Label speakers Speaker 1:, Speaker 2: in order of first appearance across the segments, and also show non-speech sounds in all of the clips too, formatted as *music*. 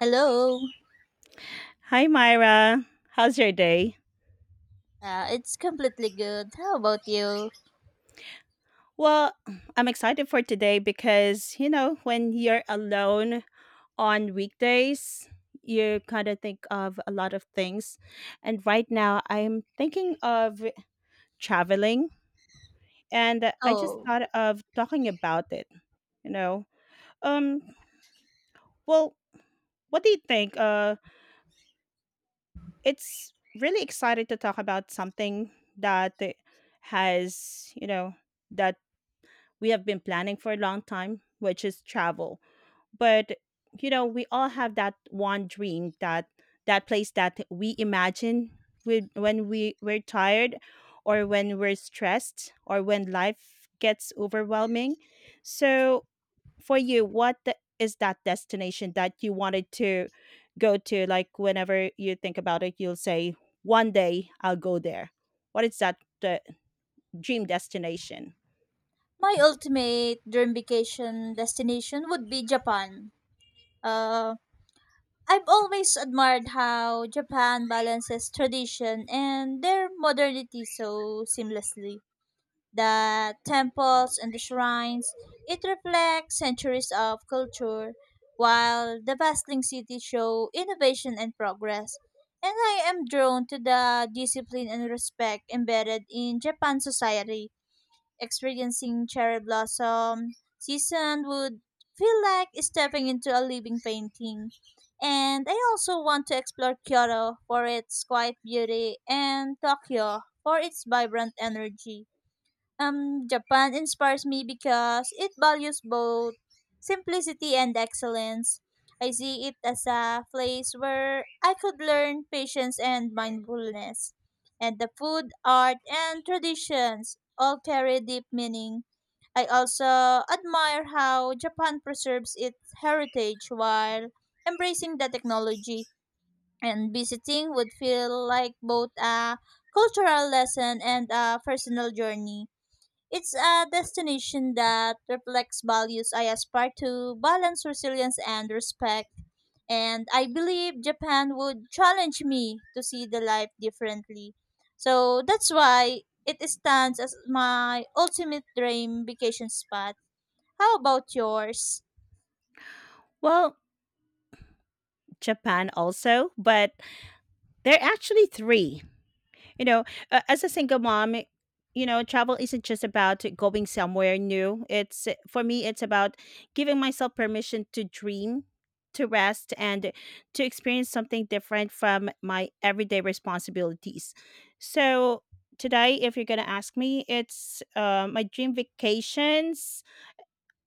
Speaker 1: Hello.
Speaker 2: Hi, Myra. How's your day?
Speaker 1: It's completely good. How about you?
Speaker 2: Well, I'm excited for today because, you know, when you're alone on weekdays, you kind of think of a lot of things. And right now, I'm thinking of traveling, and I just
Speaker 1: Oh,
Speaker 2: thought of talking about it, you know. Um, well, what do you think? It's really excited to talk about something that has, you know, that we have been planning for a long time, which is travel. But you know, we all have that one dream that place that we imagine we, when we're tired or when we're stressed or when life gets overwhelming. So for you, is that destination that you wanted to go to? Like whenever you think about it, you'll say, one day I'll go there. What is that uh, dream destination?
Speaker 1: my ultimate dream vacation destination would be Japan. Uh, I've always admired how Japan balances tradition and their modernity so seamlessly. The temples and the shrines. It reflects centuries of culture, while the bustling city show innovation and progress. And I am drawn to the discipline and respect embedded in Japan society. Experiencing cherry blossom season would feel like stepping into a living painting. And I also want to explore Kyoto for its quiet beauty and Tokyo for its vibrant energy. Japan inspires me because it values both simplicity and excellence. I see it as a place where I could learn patience and mindfulness. And the food, art, and traditions all carry deep meaning. I also admire how Japan preserves its heritage while embracing the technology. And visiting would feel like both a cultural lesson and a personal journey. It's a destination that reflects values I aspire to, balance, resilience, and respect. And I believe Japan would challenge me to see the life differently. So that's why it stands as my ultimate dream vacation spot. How about yours?
Speaker 2: Well, Japan also, but there are actually 3. You know, as a single mom, you know, travel isn't just about going somewhere new. It's for me, it's about giving myself permission to dream, to rest, and to experience something different from my everyday responsibilities. So today, if you're gonna ask me, it's my dream vacations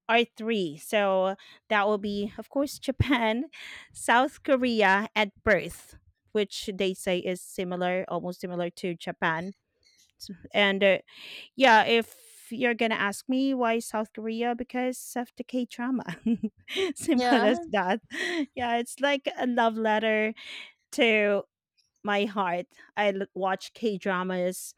Speaker 2: are three. So that will be, of course, Japan, *laughs* South Korea, and Perth, which they say is similar, almost similar to Japan. S- And yeah, if you're gonna ask me why South Korea, because of the K drama. *laughs* Simple
Speaker 1: Yeah,
Speaker 2: as that. Yeah, it's like a love letter to my heart. Watch K dramas,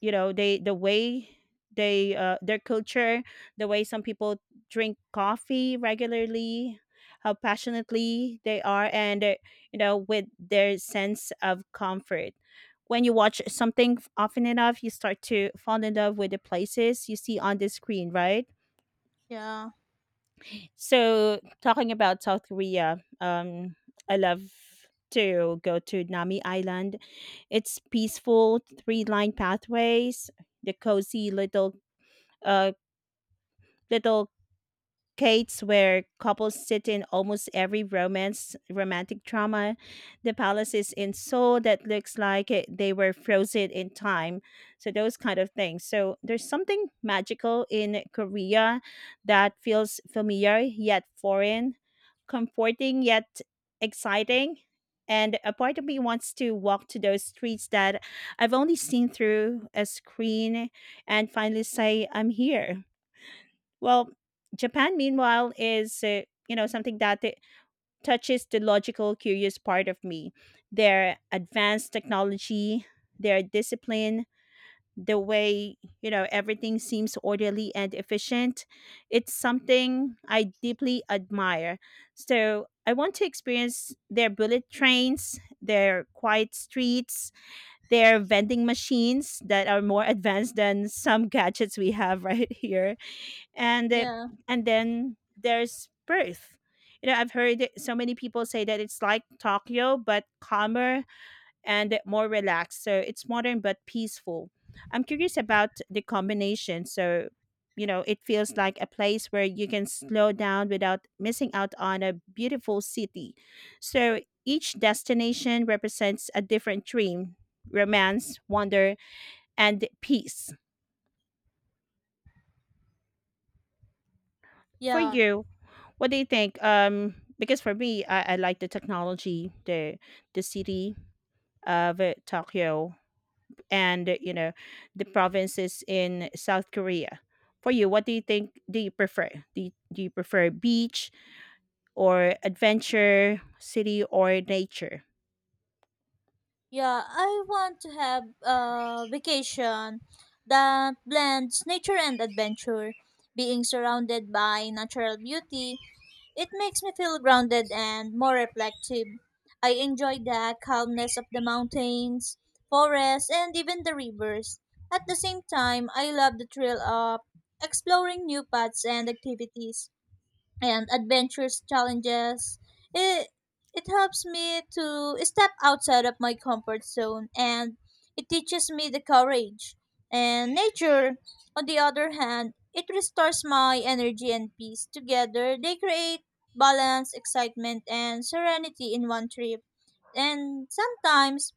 Speaker 2: you know, they the way they their culture, the way some people drink coffee regularly, how passionately they are, and you know, with their sense of comfort, when you watch something often enough you start to fall in love with the places you see on the screen, right?
Speaker 1: yeah,
Speaker 2: So talking about South Korea, I love to go to Nami Island. It's peaceful three line pathways, the cozy little uh, little cates where couples sit in almost every romance romantic drama. The palaces in Seoul that looks like it, they were frozen in time. So those kind of things. So there's something magical in Korea that feels familiar yet foreign, comforting yet exciting. And a part of me wants to walk to those streets that I've only seen through a screen and finally say, I'm here. Well, Japan, meanwhile, is you know, something that it touches the logical, curious part of me. Their advanced technology, their discipline, the way, you know, everything seems orderly and efficient. It's something I deeply admire. So I want to experience their bullet trains, their quiet streets, their vending machines that are more *laughs* advanced than some gadgets we have *laughs* right here and the-
Speaker 1: yeah,
Speaker 2: and then there's Perth. You know, so many people say that it's like Tokyo but calmer and more relaxed. So it's modern but peaceful. I'm curious about the combination. So, you know, it feels like a place where you can slow down without missing out on a beautiful city. So each destination represents a different dream, romance, wonder, and peace. For
Speaker 1: yeah.
Speaker 2: you, what do you think? Because for me, I like the technology, the city of Tokyo, and you know, the provinces in South Korea. For you, what do you think? Do you prefer? Do you prefer beach or adventure, city or nature?
Speaker 1: Yeah, I want to have a vacation that blends nature and adventure. Being surrounded by natural beauty, it makes me feel grounded and more reflective. I enjoy the calmness of the mountains, forests, and even the rivers. At the same time, I love the thrill of exploring new paths and activities and adventures challenges. It it helps me to step outside of my comfort zone, and it teaches me the courage. And nature, on the other hand, it restores my energy and peace. Together, they create balance, excitement, and serenity in one trip. And sometimes,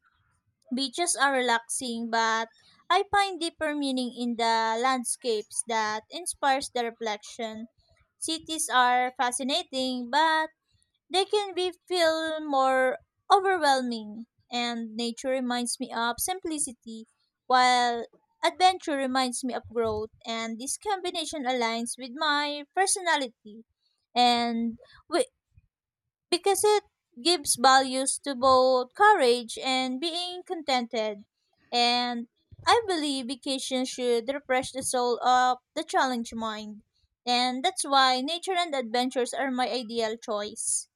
Speaker 1: beaches are relaxing, but I find deeper meaning in the landscapes that inspires the reflection. Cities are fascinating, but they can be feel more overwhelming. And nature reminds me of simplicity, while adventure reminds me of growth. And this combination aligns with my personality. And we, because it gives values to both courage and being contented. And I believe vacation should refresh the soul of the challenged mind. And that's why nature and adventures are my ideal choice.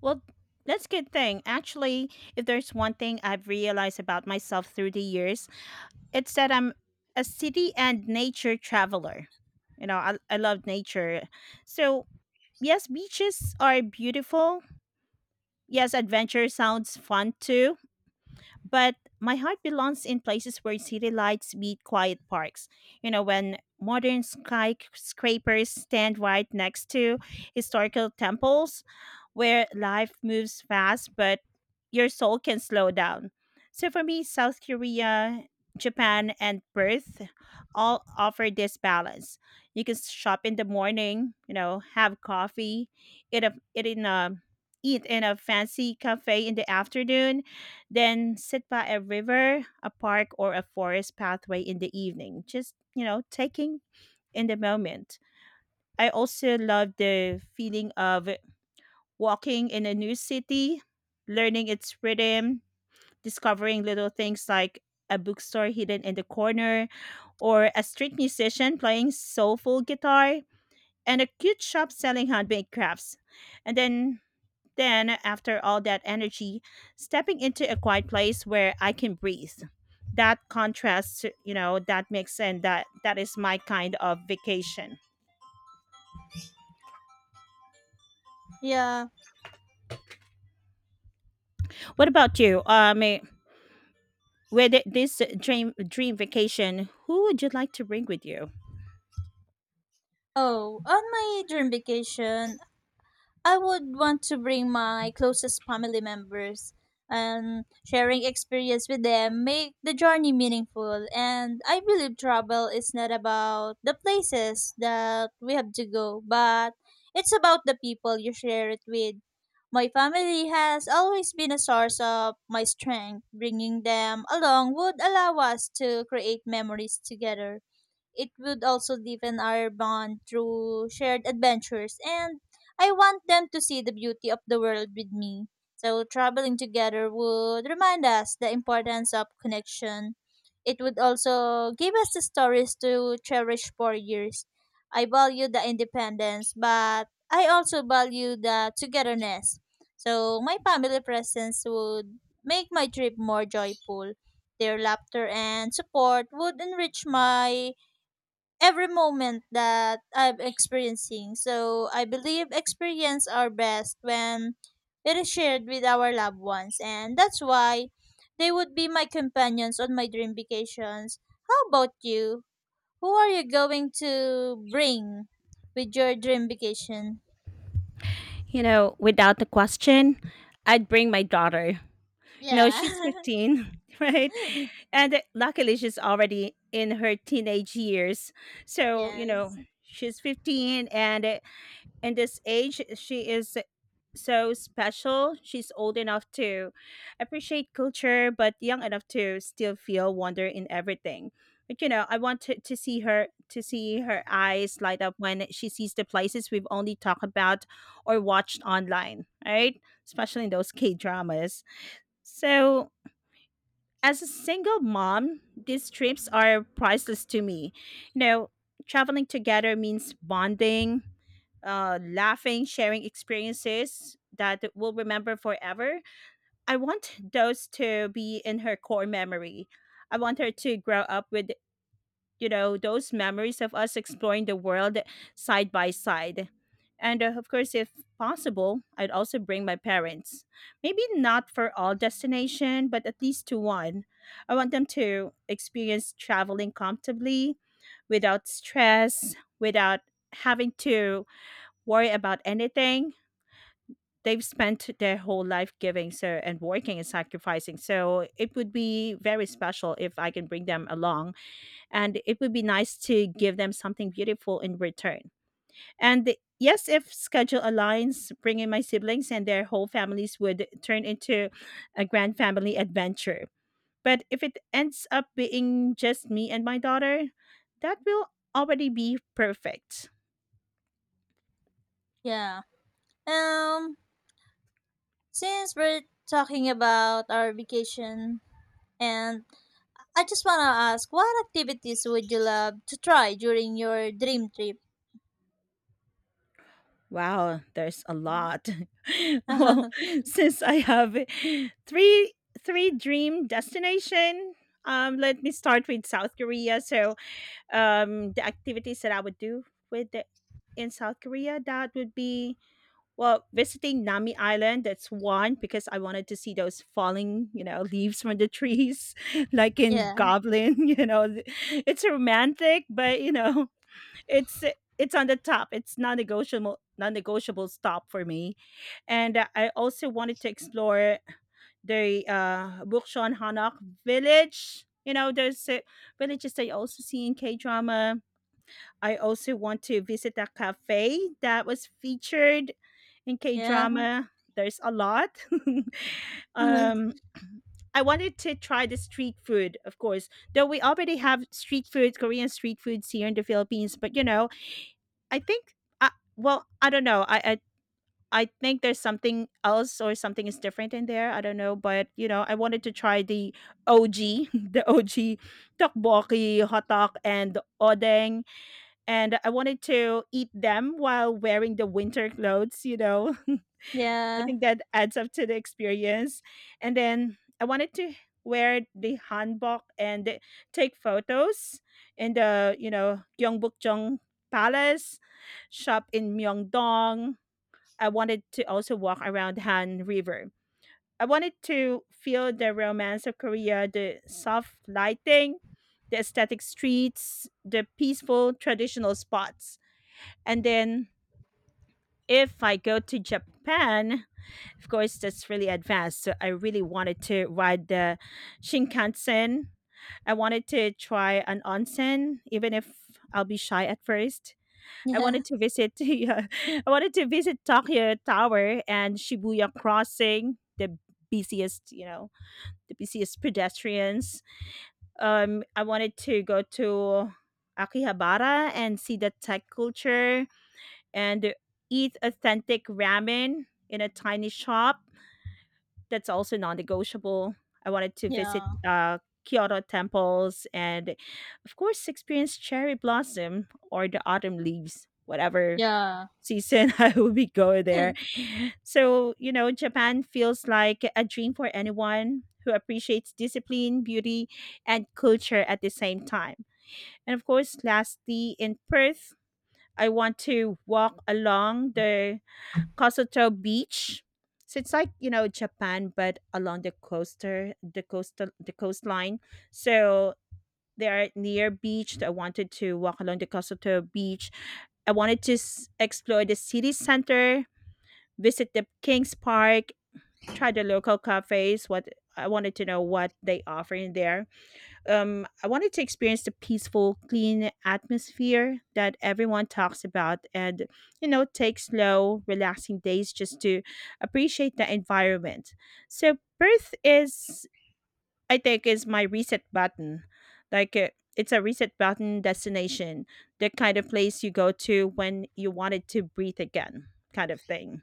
Speaker 2: Well, that's good thing. Actually, if there's one thing I've realized about myself through the years, it's that I'm a city and nature traveler. You know, I love nature. So yes, beaches are beautiful. Yes, adventure sounds fun too. But my heart belongs in places where city lights meet quiet parks. You know, when modern skyscrapers stand right next to historical temples, where life moves fast, but your soul can slow down. So for me, South Korea, Japan, and Perth all offer this balance. You can shop in the morning, you know, have coffee, eat a, eat in a eat in a fancy cafe in the afternoon, then sit by a river, a park, or a forest pathway in the evening, just, you know, taking in the moment. I also love the feeling of walking in a new city, learning its rhythm, discovering little things like a bookstore hidden in the corner, or a street musician playing soulful guitar, and a cute shop selling handmade crafts. And then, after all that energy, stepping into a quiet place where I can breathe. That contrast, you know, that mix and that is my kind of vacation.
Speaker 1: Yeah.
Speaker 2: What about you? With this dream vacation, who would you like to bring with you?
Speaker 1: Oh, on my dream vacation, I would want to bring my closest family members, and sharing experience with them make the journey meaningful, and I believe travel is not about the places that we have to go, but it's about the people you share it with. My family has always been a source of my strength. Bringing them along would allow us to create memories together. It would also deepen our bond through shared adventures, and I want them to see the beauty of the world with me. So, traveling together would remind us the importance of connection. It would also give us the stories to cherish for years. I value the independence, but I also value the togetherness. So, my family presence would make my trip more joyful. Their laughter and support would enrich my every moment that I'm experiencing. So I believe experience are best when it is shared with our loved ones, and that's why they would be my companions on my dream vacations. How about you? Who are you going to bring with your dream vacation?
Speaker 2: You know, without the question, I'd bring my daughter. You know,
Speaker 1: Yeah.
Speaker 2: she's 15, *laughs* right?
Speaker 1: *laughs*
Speaker 2: And luckily, she's already in her teenage years. So, you know,
Speaker 1: Yes.
Speaker 2: she's 15 and in this age she is so special. She's old enough to appreciate culture but young enough to still feel wonder in everything. But you know, to see her, to see her eyes light up when she sees the places we've only talked about or watched online, right? Especially in those K dramas. So as a single mom, these trips are priceless to me. You know, traveling together means bonding, laughing, sharing experiences that we'll remember forever. I want those to be in her core memory. I want her to grow up with, you know, those memories of us exploring the world side by side. And of course, if possible, I'd also bring my parents, maybe not for all destination but at least to one. I want them to experience traveling comfortably, without stress, without having to worry about anything. They've spent their whole life giving so, and working and sacrificing, so it would be very special if I can bring them along. And it would be nice to give them something beautiful in return. And yes, if schedule aligns, bringing my siblings and their whole families would turn into a grand family adventure. But if it ends up being just me and my daughter, that will already be perfect.
Speaker 1: Yeah. Um since we're talking about our vacation, and I just want to ask, what activities would you love to try during your dream trip?
Speaker 2: Wow, there's a
Speaker 1: Mm.
Speaker 2: lot. *laughs* Well,
Speaker 1: *laughs*
Speaker 2: *laughs* since I have three three dream destination, let me start with South Korea. So, the activities that I would do with the, in South Korea, that would be, well, visiting Nami Island. That's one because I wanted to see those falling, you know, leaves from the trees, *laughs* like in
Speaker 1: Yeah,
Speaker 2: Goblin. *laughs* You know, it's romantic, but you know, it's it's on the top. It's non-negotiable stop for me. And I also wanted to explore the Bukchon Hanok village. You know, there's villages that you also see in K drama. I also want to visit a cafe that was featured in K
Speaker 1: yeah.
Speaker 2: drama. There's a lot. *laughs*
Speaker 1: *laughs*
Speaker 2: um, I wanted to try the street food, of course. Though we already have street food, Korean street foods here in the Philippines, but you know, I think I well, I don't know. I I think there's something else or something is different in there. I don't know, but you know, I wanted to try the OG, *laughs* the OG tteokbokki, hotok, and odeng, and I wanted to eat them while wearing the winter clothes. You know, *laughs* I
Speaker 1: Yeah,
Speaker 2: think that adds up to the experience. And then I wanted to wear the hanbok and take photos in the, you know, Gyeongbokgung Palace, shop in Myeongdong. I wanted to also walk around Han River. I wanted to feel the romance of Korea, the soft lighting, the aesthetic streets, the peaceful traditional spots. And then if I go to Japan, of course, that's really advanced. So I really wanted to ride the Shinkansen. I wanted to try an onsen, even if I'll be shy at first. I
Speaker 1: yeah,
Speaker 2: wanted to visit. *laughs* Yeah, I wanted to visit Tokyo Tower and Shibuya Crossing, busiest, you know, the busiest pedestrians. I wanted to go to Akihabara and see the tech culture and eat authentic ramen in a tiny shop. That's also non-negotiable. I wanted to visit
Speaker 1: yeah,
Speaker 2: Kyoto temples and, of course, experience cherry blossom or the autumn leaves, whatever
Speaker 1: yeah.
Speaker 2: season *laughs* I will be going there.
Speaker 1: *laughs*
Speaker 2: So, you know, Japan feels like a dream for anyone who appreciates discipline, beauty, and culture at the same time. And of course, lastly, in Perth, I want to walk along the Kosuto Beach. So it's like, you know, Japan, but along the coastline. So they are near beach. So I wanted to walk along the Kosuto Beach. I wanted to s- explore the city center, visit the Kings Park, try the local cafes. What I wanted to know what they offer in there. I wanted to experience the peaceful, clean atmosphere that everyone talks about and, you know, take slow, relaxing days just to appreciate the environment. So, Perth is, I think, is my reset button. Like, it's a reset button destination, the kind of place you go to when you wanted to breathe again, kind of thing.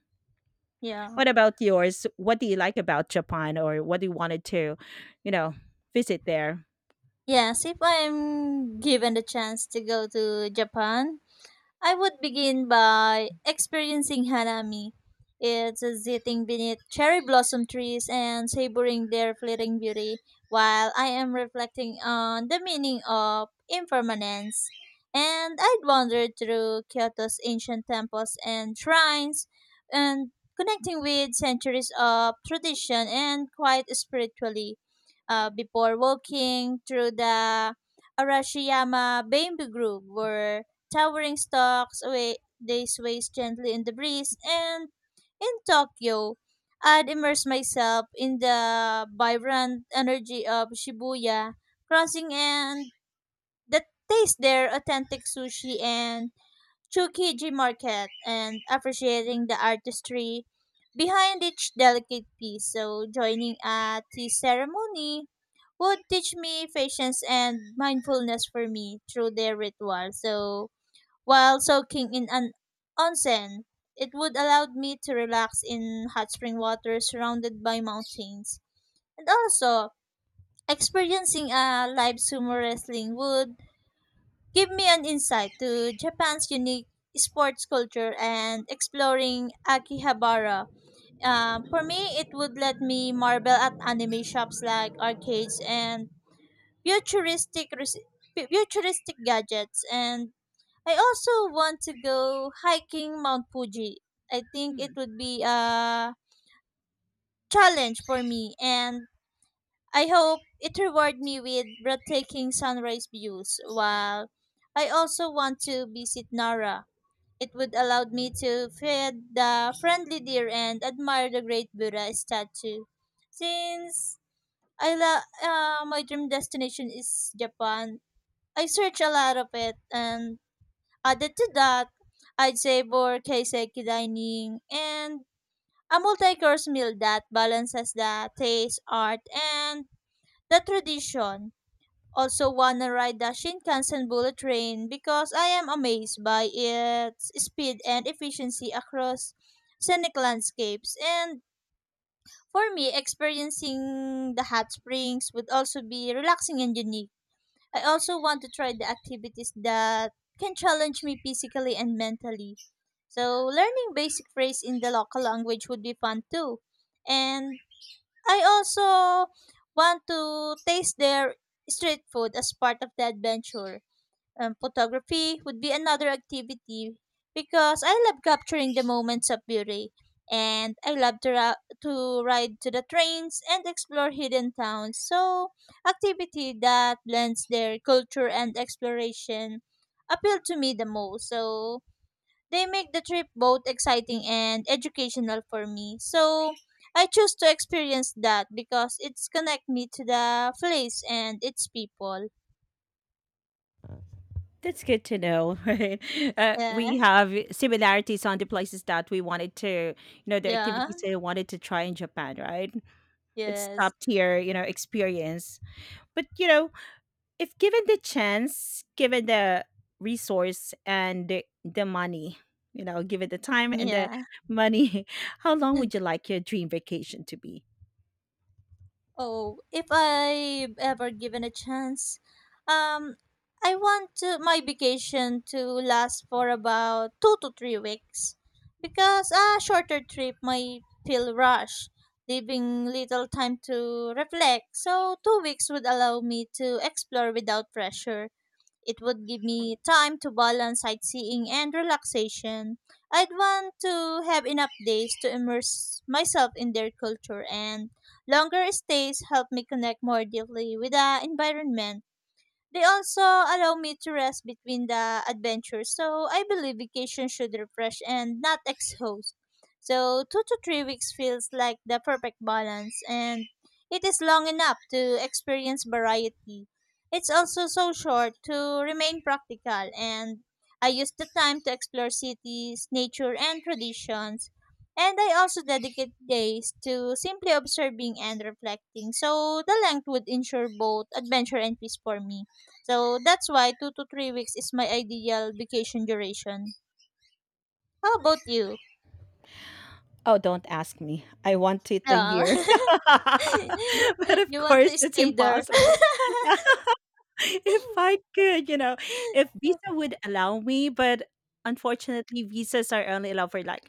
Speaker 1: Yeah.
Speaker 2: What about yours? What do you like about Japan or what do you wanted to, you know, visit there?
Speaker 1: Yes, if I'm given the chance to go to Japan, I would begin by experiencing hanami. It's a sitting beneath cherry blossom trees and savoring their fleeting beauty while I am reflecting on the meaning of impermanence. And I'd wander through Kyoto's ancient temples and shrines and connecting with centuries of tradition and quite spiritually before walking through the Arashiyama bamboo grove where towering stalks away, they sway gently in the breeze, and in Tokyo, I'd immerse myself in the vibrant energy of Shibuya crossing, and the taste their authentic sushi and Tsukiji market and appreciating the artistry behind each delicate piece. So joining a tea ceremony would teach me patience and mindfulness for me through their ritual. So while soaking in an onsen. It would allow me to relax in hot spring water surrounded by mountains. And also, experiencing a live sumo wrestling would give me an insight to Japan's unique sports culture and exploring Akihabara. For me, it would let me marvel at anime shops like arcades and futuristic futuristic gadgets, and I also want to go hiking Mount Fuji. I think it would be a challenge for me, and I hope it reward me with breathtaking sunrise views, while I also want to visit Nara. It would allow me to feed the friendly deer and admire the great Buddha statue. Since my dream destination is Japan, I search a lot of it. And added to that, I'd savor kaiseki dining and a multi-course meal that balances the taste, art, and the tradition. Also wanna ride the Shinkansen bullet train because I am amazed by its speed and efficiency across scenic landscapes. And for me, experiencing the hot springs would also be relaxing and unique. I also want to try the activities that can challenge me physically and mentally. So, learning basic phrase in the local language would be fun too. And I also want to taste their street food as part of the adventure. Photography would be another activity because I love capturing the moments of beauty, and I love to ride to the trains and explore hidden towns. So, activity that blends their culture and exploration appeal to me the most. So, they make the trip both exciting and educational for me. So, I choose to experience that because it's connect me to the place and its people.
Speaker 2: That's good to know, *laughs* right?
Speaker 1: Yeah.
Speaker 2: We
Speaker 1: *laughs*
Speaker 2: have similarities on the places that we wanted to, you know, the
Speaker 1: Yeah.
Speaker 2: activities that I wanted to try in Japan, right? It's top
Speaker 1: Yes.
Speaker 2: tier, you know, experience. But, you know, if given the chance, given the resource and the money, you know, given the time and the
Speaker 1: Yeah.
Speaker 2: money, *laughs* how long would you
Speaker 1: *laughs*
Speaker 2: like your dream vacation to be?
Speaker 1: Oh, if I ever given a chance, um, I want to, my vacation to last for about 2 to 3 weeks because a shorter trip might feel rushed, leaving little time to reflect. So, 2 weeks would allow me to explore without pressure. It would give me time to balance sightseeing and relaxation. I'd want to have enough days to immerse myself in their culture, and longer stays help me connect more deeply with the environment. They also allow me to rest between the adventures, so I believe vacation should refresh and not *laughs* exhaust. So, 2 to 3 weeks feels like the perfect balance, and it is long enough to experience variety. It's also so short to remain practical, and I use the time to explore cities, nature, and traditions. And I also dedicate days to simply observing and reflecting, so the length would ensure both adventure and peace for me. So that's why 2 to 3 weeks is my ideal vacation duration. How about you?
Speaker 2: Oh, don't ask me. I want it a
Speaker 1: Yeah.
Speaker 2: year. *laughs* But
Speaker 1: *laughs*
Speaker 2: of
Speaker 1: You want
Speaker 2: course,
Speaker 1: to
Speaker 2: it's
Speaker 1: stay there?
Speaker 2: impossible. *laughs* *laughs* If I
Speaker 1: *laughs*
Speaker 2: could, you know, if Visa would allow me, but unfortunately, visas are only allowed for like,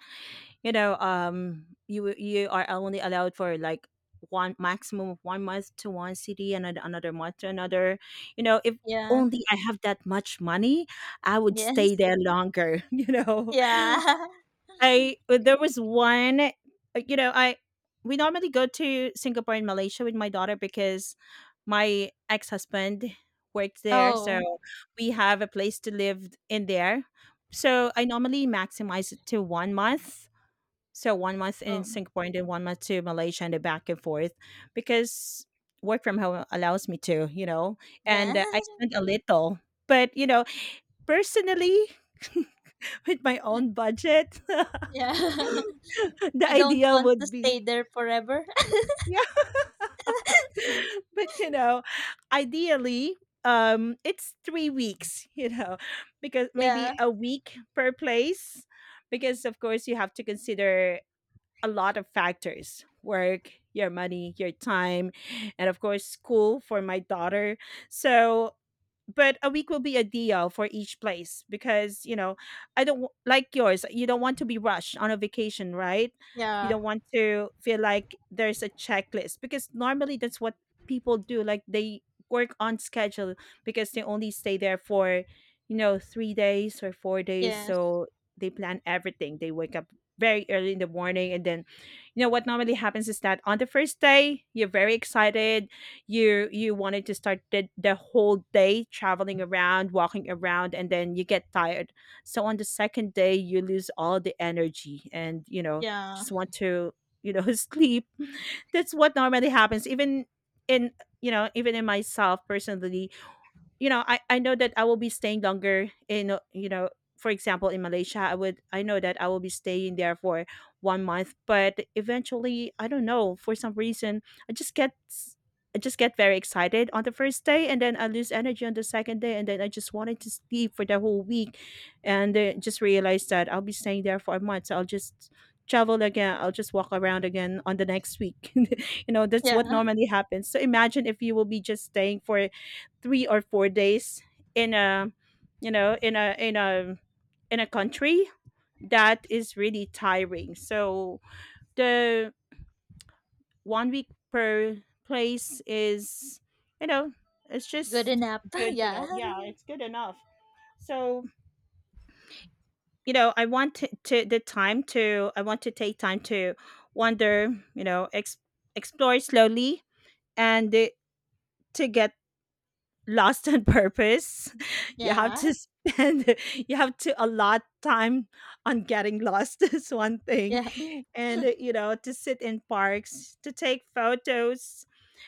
Speaker 2: you are only allowed for like one maximum of 1 month to one city and another month to another. You know, if
Speaker 1: Yeah.
Speaker 2: only I have that much money, I would stay
Speaker 1: Yes.
Speaker 2: there longer, *laughs* you know.
Speaker 1: Yeah. *laughs*
Speaker 2: I there was one, you know, I we normally go to Singapore and Malaysia with my daughter because my ex-husband works there, so
Speaker 1: Oh.
Speaker 2: we have a place to live in there. So I normally maximize it to 1 month. So 1 month in
Speaker 1: Oh.
Speaker 2: Singapore and then 1 month to Malaysia and then back and forth because work from home allows me to, you know,
Speaker 1: Yeah.
Speaker 2: and I spend a little. But, you know, personally, *laughs* with my own
Speaker 1: *laughs*
Speaker 2: budget.
Speaker 1: Yeah.
Speaker 2: *laughs* *laughs*
Speaker 1: *laughs*
Speaker 2: The
Speaker 1: You don't
Speaker 2: ideal
Speaker 1: want to
Speaker 2: would be
Speaker 1: stay there forever? *laughs*
Speaker 2: yeah, *laughs* but you know, ideally, it's 3 weeks. *laughs* You know, because maybe
Speaker 1: Yeah.
Speaker 2: a week per place, because of course you have to consider a lot of factors: work, your money, your time, and of course school for my daughter. So but a week will be a deal for each place, because you know, I don't w- like yours, you don't want to be rushed on a vacation, right? You
Speaker 1: Yeah.
Speaker 2: don't want to feel like there's a checklist, because normally that's what people do. Like they work on schedule because they only stay there for, you know, 3 days or 4 days.
Speaker 1: Yes.
Speaker 2: So they plan everything. They wake up very early in the morning, and then you know what normally happens is that on the first day you're very excited, you wanted to start the whole day traveling around, walking around, and then you get tired. So on the second day you lose all the energy and, you know,
Speaker 1: Yeah.
Speaker 2: just want to, you know, *laughs* sleep. That's what normally happens, even in, you know, even in myself personally. You know, I know that I will be staying longer in you know, for example in malaysia I would, I know that I will be staying there for 1 month, but eventually I don't know, for some reason i just get s- I just get very excited on the first day, and then I lose energy on the second day, and then I just wanted to sleep for the whole week, and just realized that I'll be staying there for a month, so I'll just travel again, I'll just walk around again on the next week. *laughs* You know that's
Speaker 1: Yeah.
Speaker 2: what normally happens. So imagine if you will be just staying for 3 or 4 days in a, you know, in a in a in a country, that is really tiring. So the 1 week per place is, you know, it's
Speaker 1: Good
Speaker 2: just
Speaker 1: enough. *laughs*
Speaker 2: good to
Speaker 1: Yeah.
Speaker 2: know, yeah, it's good enough. So you know, to the time to, I want to take time to wander, you know, explore slowly, and to get lost on purpose. *laughs* You have
Speaker 1: Yeah.
Speaker 2: to spend *laughs* you have to allot time on getting lost *laughs* is one thing.
Speaker 1: Yeah.
Speaker 2: And you know, to sit in parks, to take photos,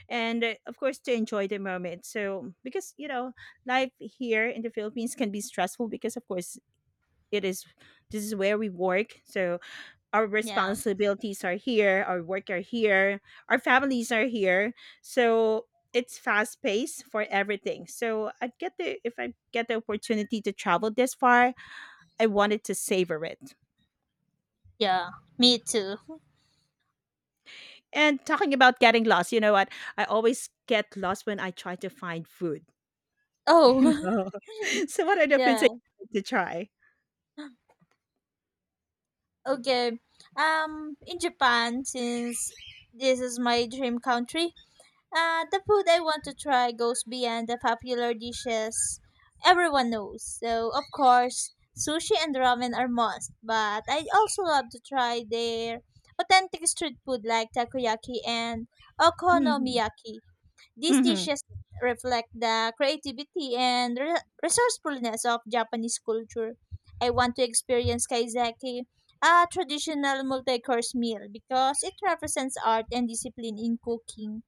Speaker 2: and of course to enjoy the moment. So because you know, life here in the Philippines can be stressful, because of course it is, this is where we work. So our
Speaker 1: Yeah.
Speaker 2: responsibilities are here, our work are here, our families are here. So it's fast paced for everything. So I get the if I get the opportunity to travel this far, I wanted to savor it.
Speaker 1: Yeah. Me too.
Speaker 2: And talking about getting lost, you know what? I always get lost when I try to find food. *laughs* You
Speaker 1: Oh,
Speaker 2: know, *laughs* so what are
Speaker 1: *laughs*
Speaker 2: the foods I
Speaker 1: yeah.
Speaker 2: to try?
Speaker 1: Okay. In Japan, since this is my dream country, the food I want to try goes beyond the popular dishes everyone knows. So, of course, sushi and ramen are must, but I also love to try their authentic street food like takoyaki and
Speaker 2: Hmm.
Speaker 1: okonomiyaki. These
Speaker 2: Hmm.
Speaker 1: dishes reflect the creativity and resourcefulness of Japanese culture. I want to experience kaiseki, a traditional multi-course meal, because it represents art and discipline in cooking.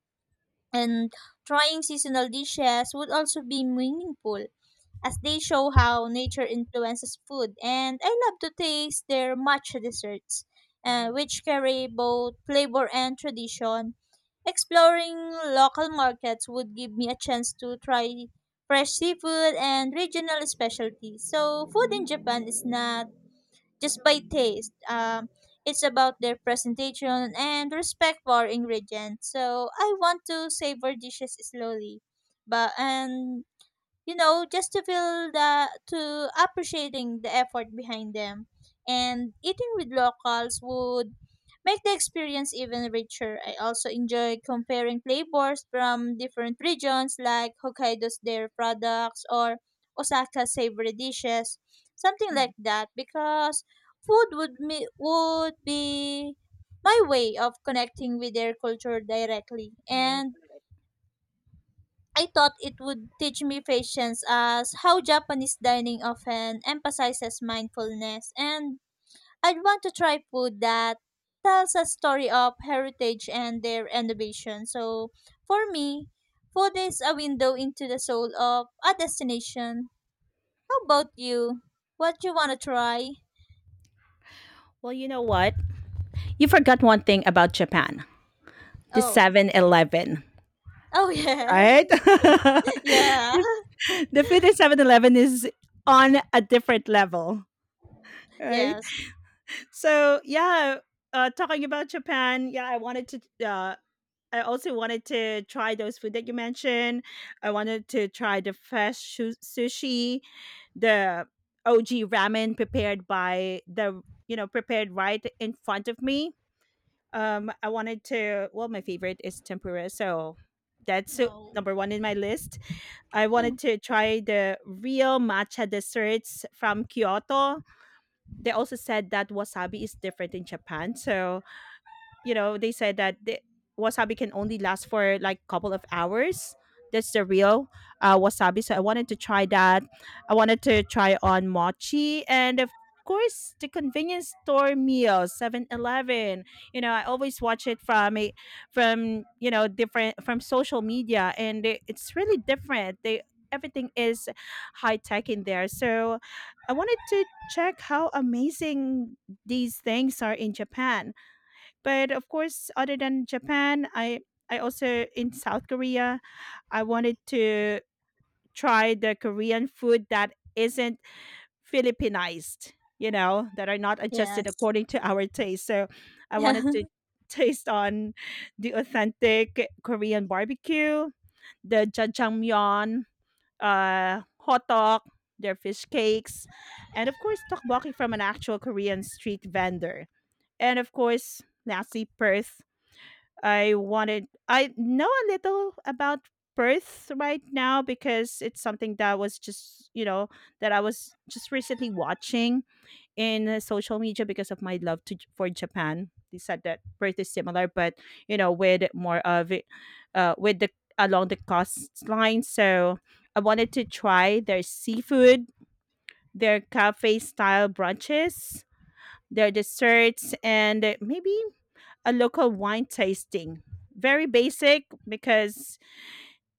Speaker 1: And trying seasonal dishes would also be meaningful, as they show how nature influences food. And I love to taste their matcha desserts,
Speaker 2: Right.
Speaker 1: which carry both flavor and tradition. Exploring local markets would give me a chance to try fresh seafood and regional specialties. So, food in
Speaker 2: Hmm.
Speaker 1: Japan is not just by taste, it's about their presentation and respect for ingredients. So, I want to savor dishes slowly. But and just to feel the to appreciating the effort behind them. And eating with locals would make the experience even richer. I also enjoy comparing flavors from different regions like Hokkaido's dairy products or Osaka's savory dishes, something
Speaker 2: Hmm.
Speaker 1: like that, because food would be my way of connecting with their culture directly.
Speaker 2: Right.
Speaker 1: And I thought it would teach me patience as how Japanese dining often emphasizes mindfulness, and I'd want to try food that tells a story of heritage and their innovation. So for me, food is a window into the soul of a destination. How about you? What you wanna try?
Speaker 2: Well, you know what? You forgot one thing about Japan: the
Speaker 1: Oh.
Speaker 2: 7-Eleven.
Speaker 1: Oh yeah.
Speaker 2: Right? *laughs*
Speaker 1: *laughs* Yeah.
Speaker 2: The food at 7-Eleven is on a different level, right?
Speaker 1: Yes.
Speaker 2: So yeah, talking about Japan, yeah, Uh, I also wanted to try those food that you mentioned. I wanted to try the fresh sushi, the OG ramen prepared by the, you know, prepared right in front of me. I wanted to. Well, my favorite is tempura, so that's
Speaker 1: No.
Speaker 2: number one in my list. I wanted to try the real matcha desserts from Kyoto. They also said that wasabi is different in Japan. So you know they said that the wasabi can only last for like couple of hours. That's the real wasabi, so I wanted to try that. I wanted to try on mochi, and of course the convenience store meal 7-Eleven. You know I always watch it from a, from you know, different from social media, and it's really different. They, everything is high tech in there, so I wanted to check how amazing these things are in japan. But of course, other than Japan, I also in South Korea, I wanted to try the Korean food that isn't Philippinized, you know, that are not adjusted
Speaker 1: Yes.
Speaker 2: according to our taste. So
Speaker 1: *laughs*
Speaker 2: I wanted to
Speaker 1: Yeah.
Speaker 2: taste on the authentic Korean barbecue, the jjajangmyeon, hot dog, their fish cakes, and of course, tteokbokki from an actual Korean street vendor. And of course, lastly, Perth, I know a little about Perth right now because it's something that was just, you know, that I was just recently watching in social media because of my love to for Japan. They said that Perth is similar, but you know, with more of it, with the along the coastline. So I wanted to try their seafood, their cafe style brunches, their desserts, and maybe a local wine tasting. Very basic because,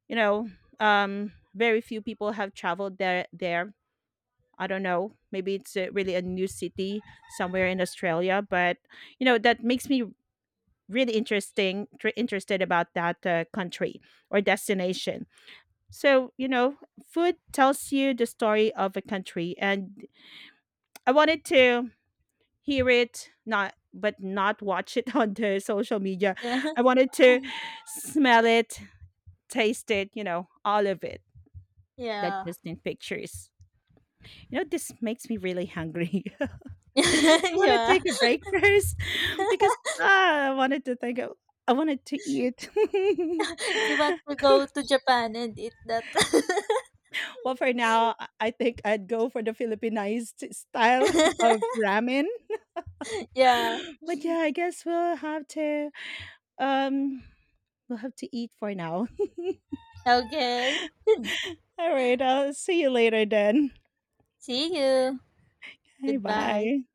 Speaker 2: you know, very few people have traveled there. There, I don't know. Maybe it's a, really a new city somewhere in Australia, but you know that makes me really interested about that country or destination. So you know, food tells you the story of a country, and I wanted to hear it, not but not watch it *laughs* on the social media.
Speaker 1: Yeah.
Speaker 2: I wanted to smell it, taste it, you know, all of it. Not
Speaker 1: Yeah.
Speaker 2: just in pictures. You know, this makes me really hungry. *laughs* I want to
Speaker 1: *laughs* Yeah.
Speaker 2: take a break first *laughs* because ah, I wanted to eat. *laughs*
Speaker 1: You want to go to Japan and eat that.
Speaker 2: Well, for now, I think I'd go for the Philippinized style *laughs* of
Speaker 1: *laughs*
Speaker 2: ramen.
Speaker 1: Yeah.
Speaker 2: *laughs* But yeah, I guess um we'll have to eat for now.
Speaker 1: Okay. *laughs*
Speaker 2: All right. I'll see you later then.
Speaker 1: See you.
Speaker 2: Hey,
Speaker 1: Goodbye.
Speaker 2: bye.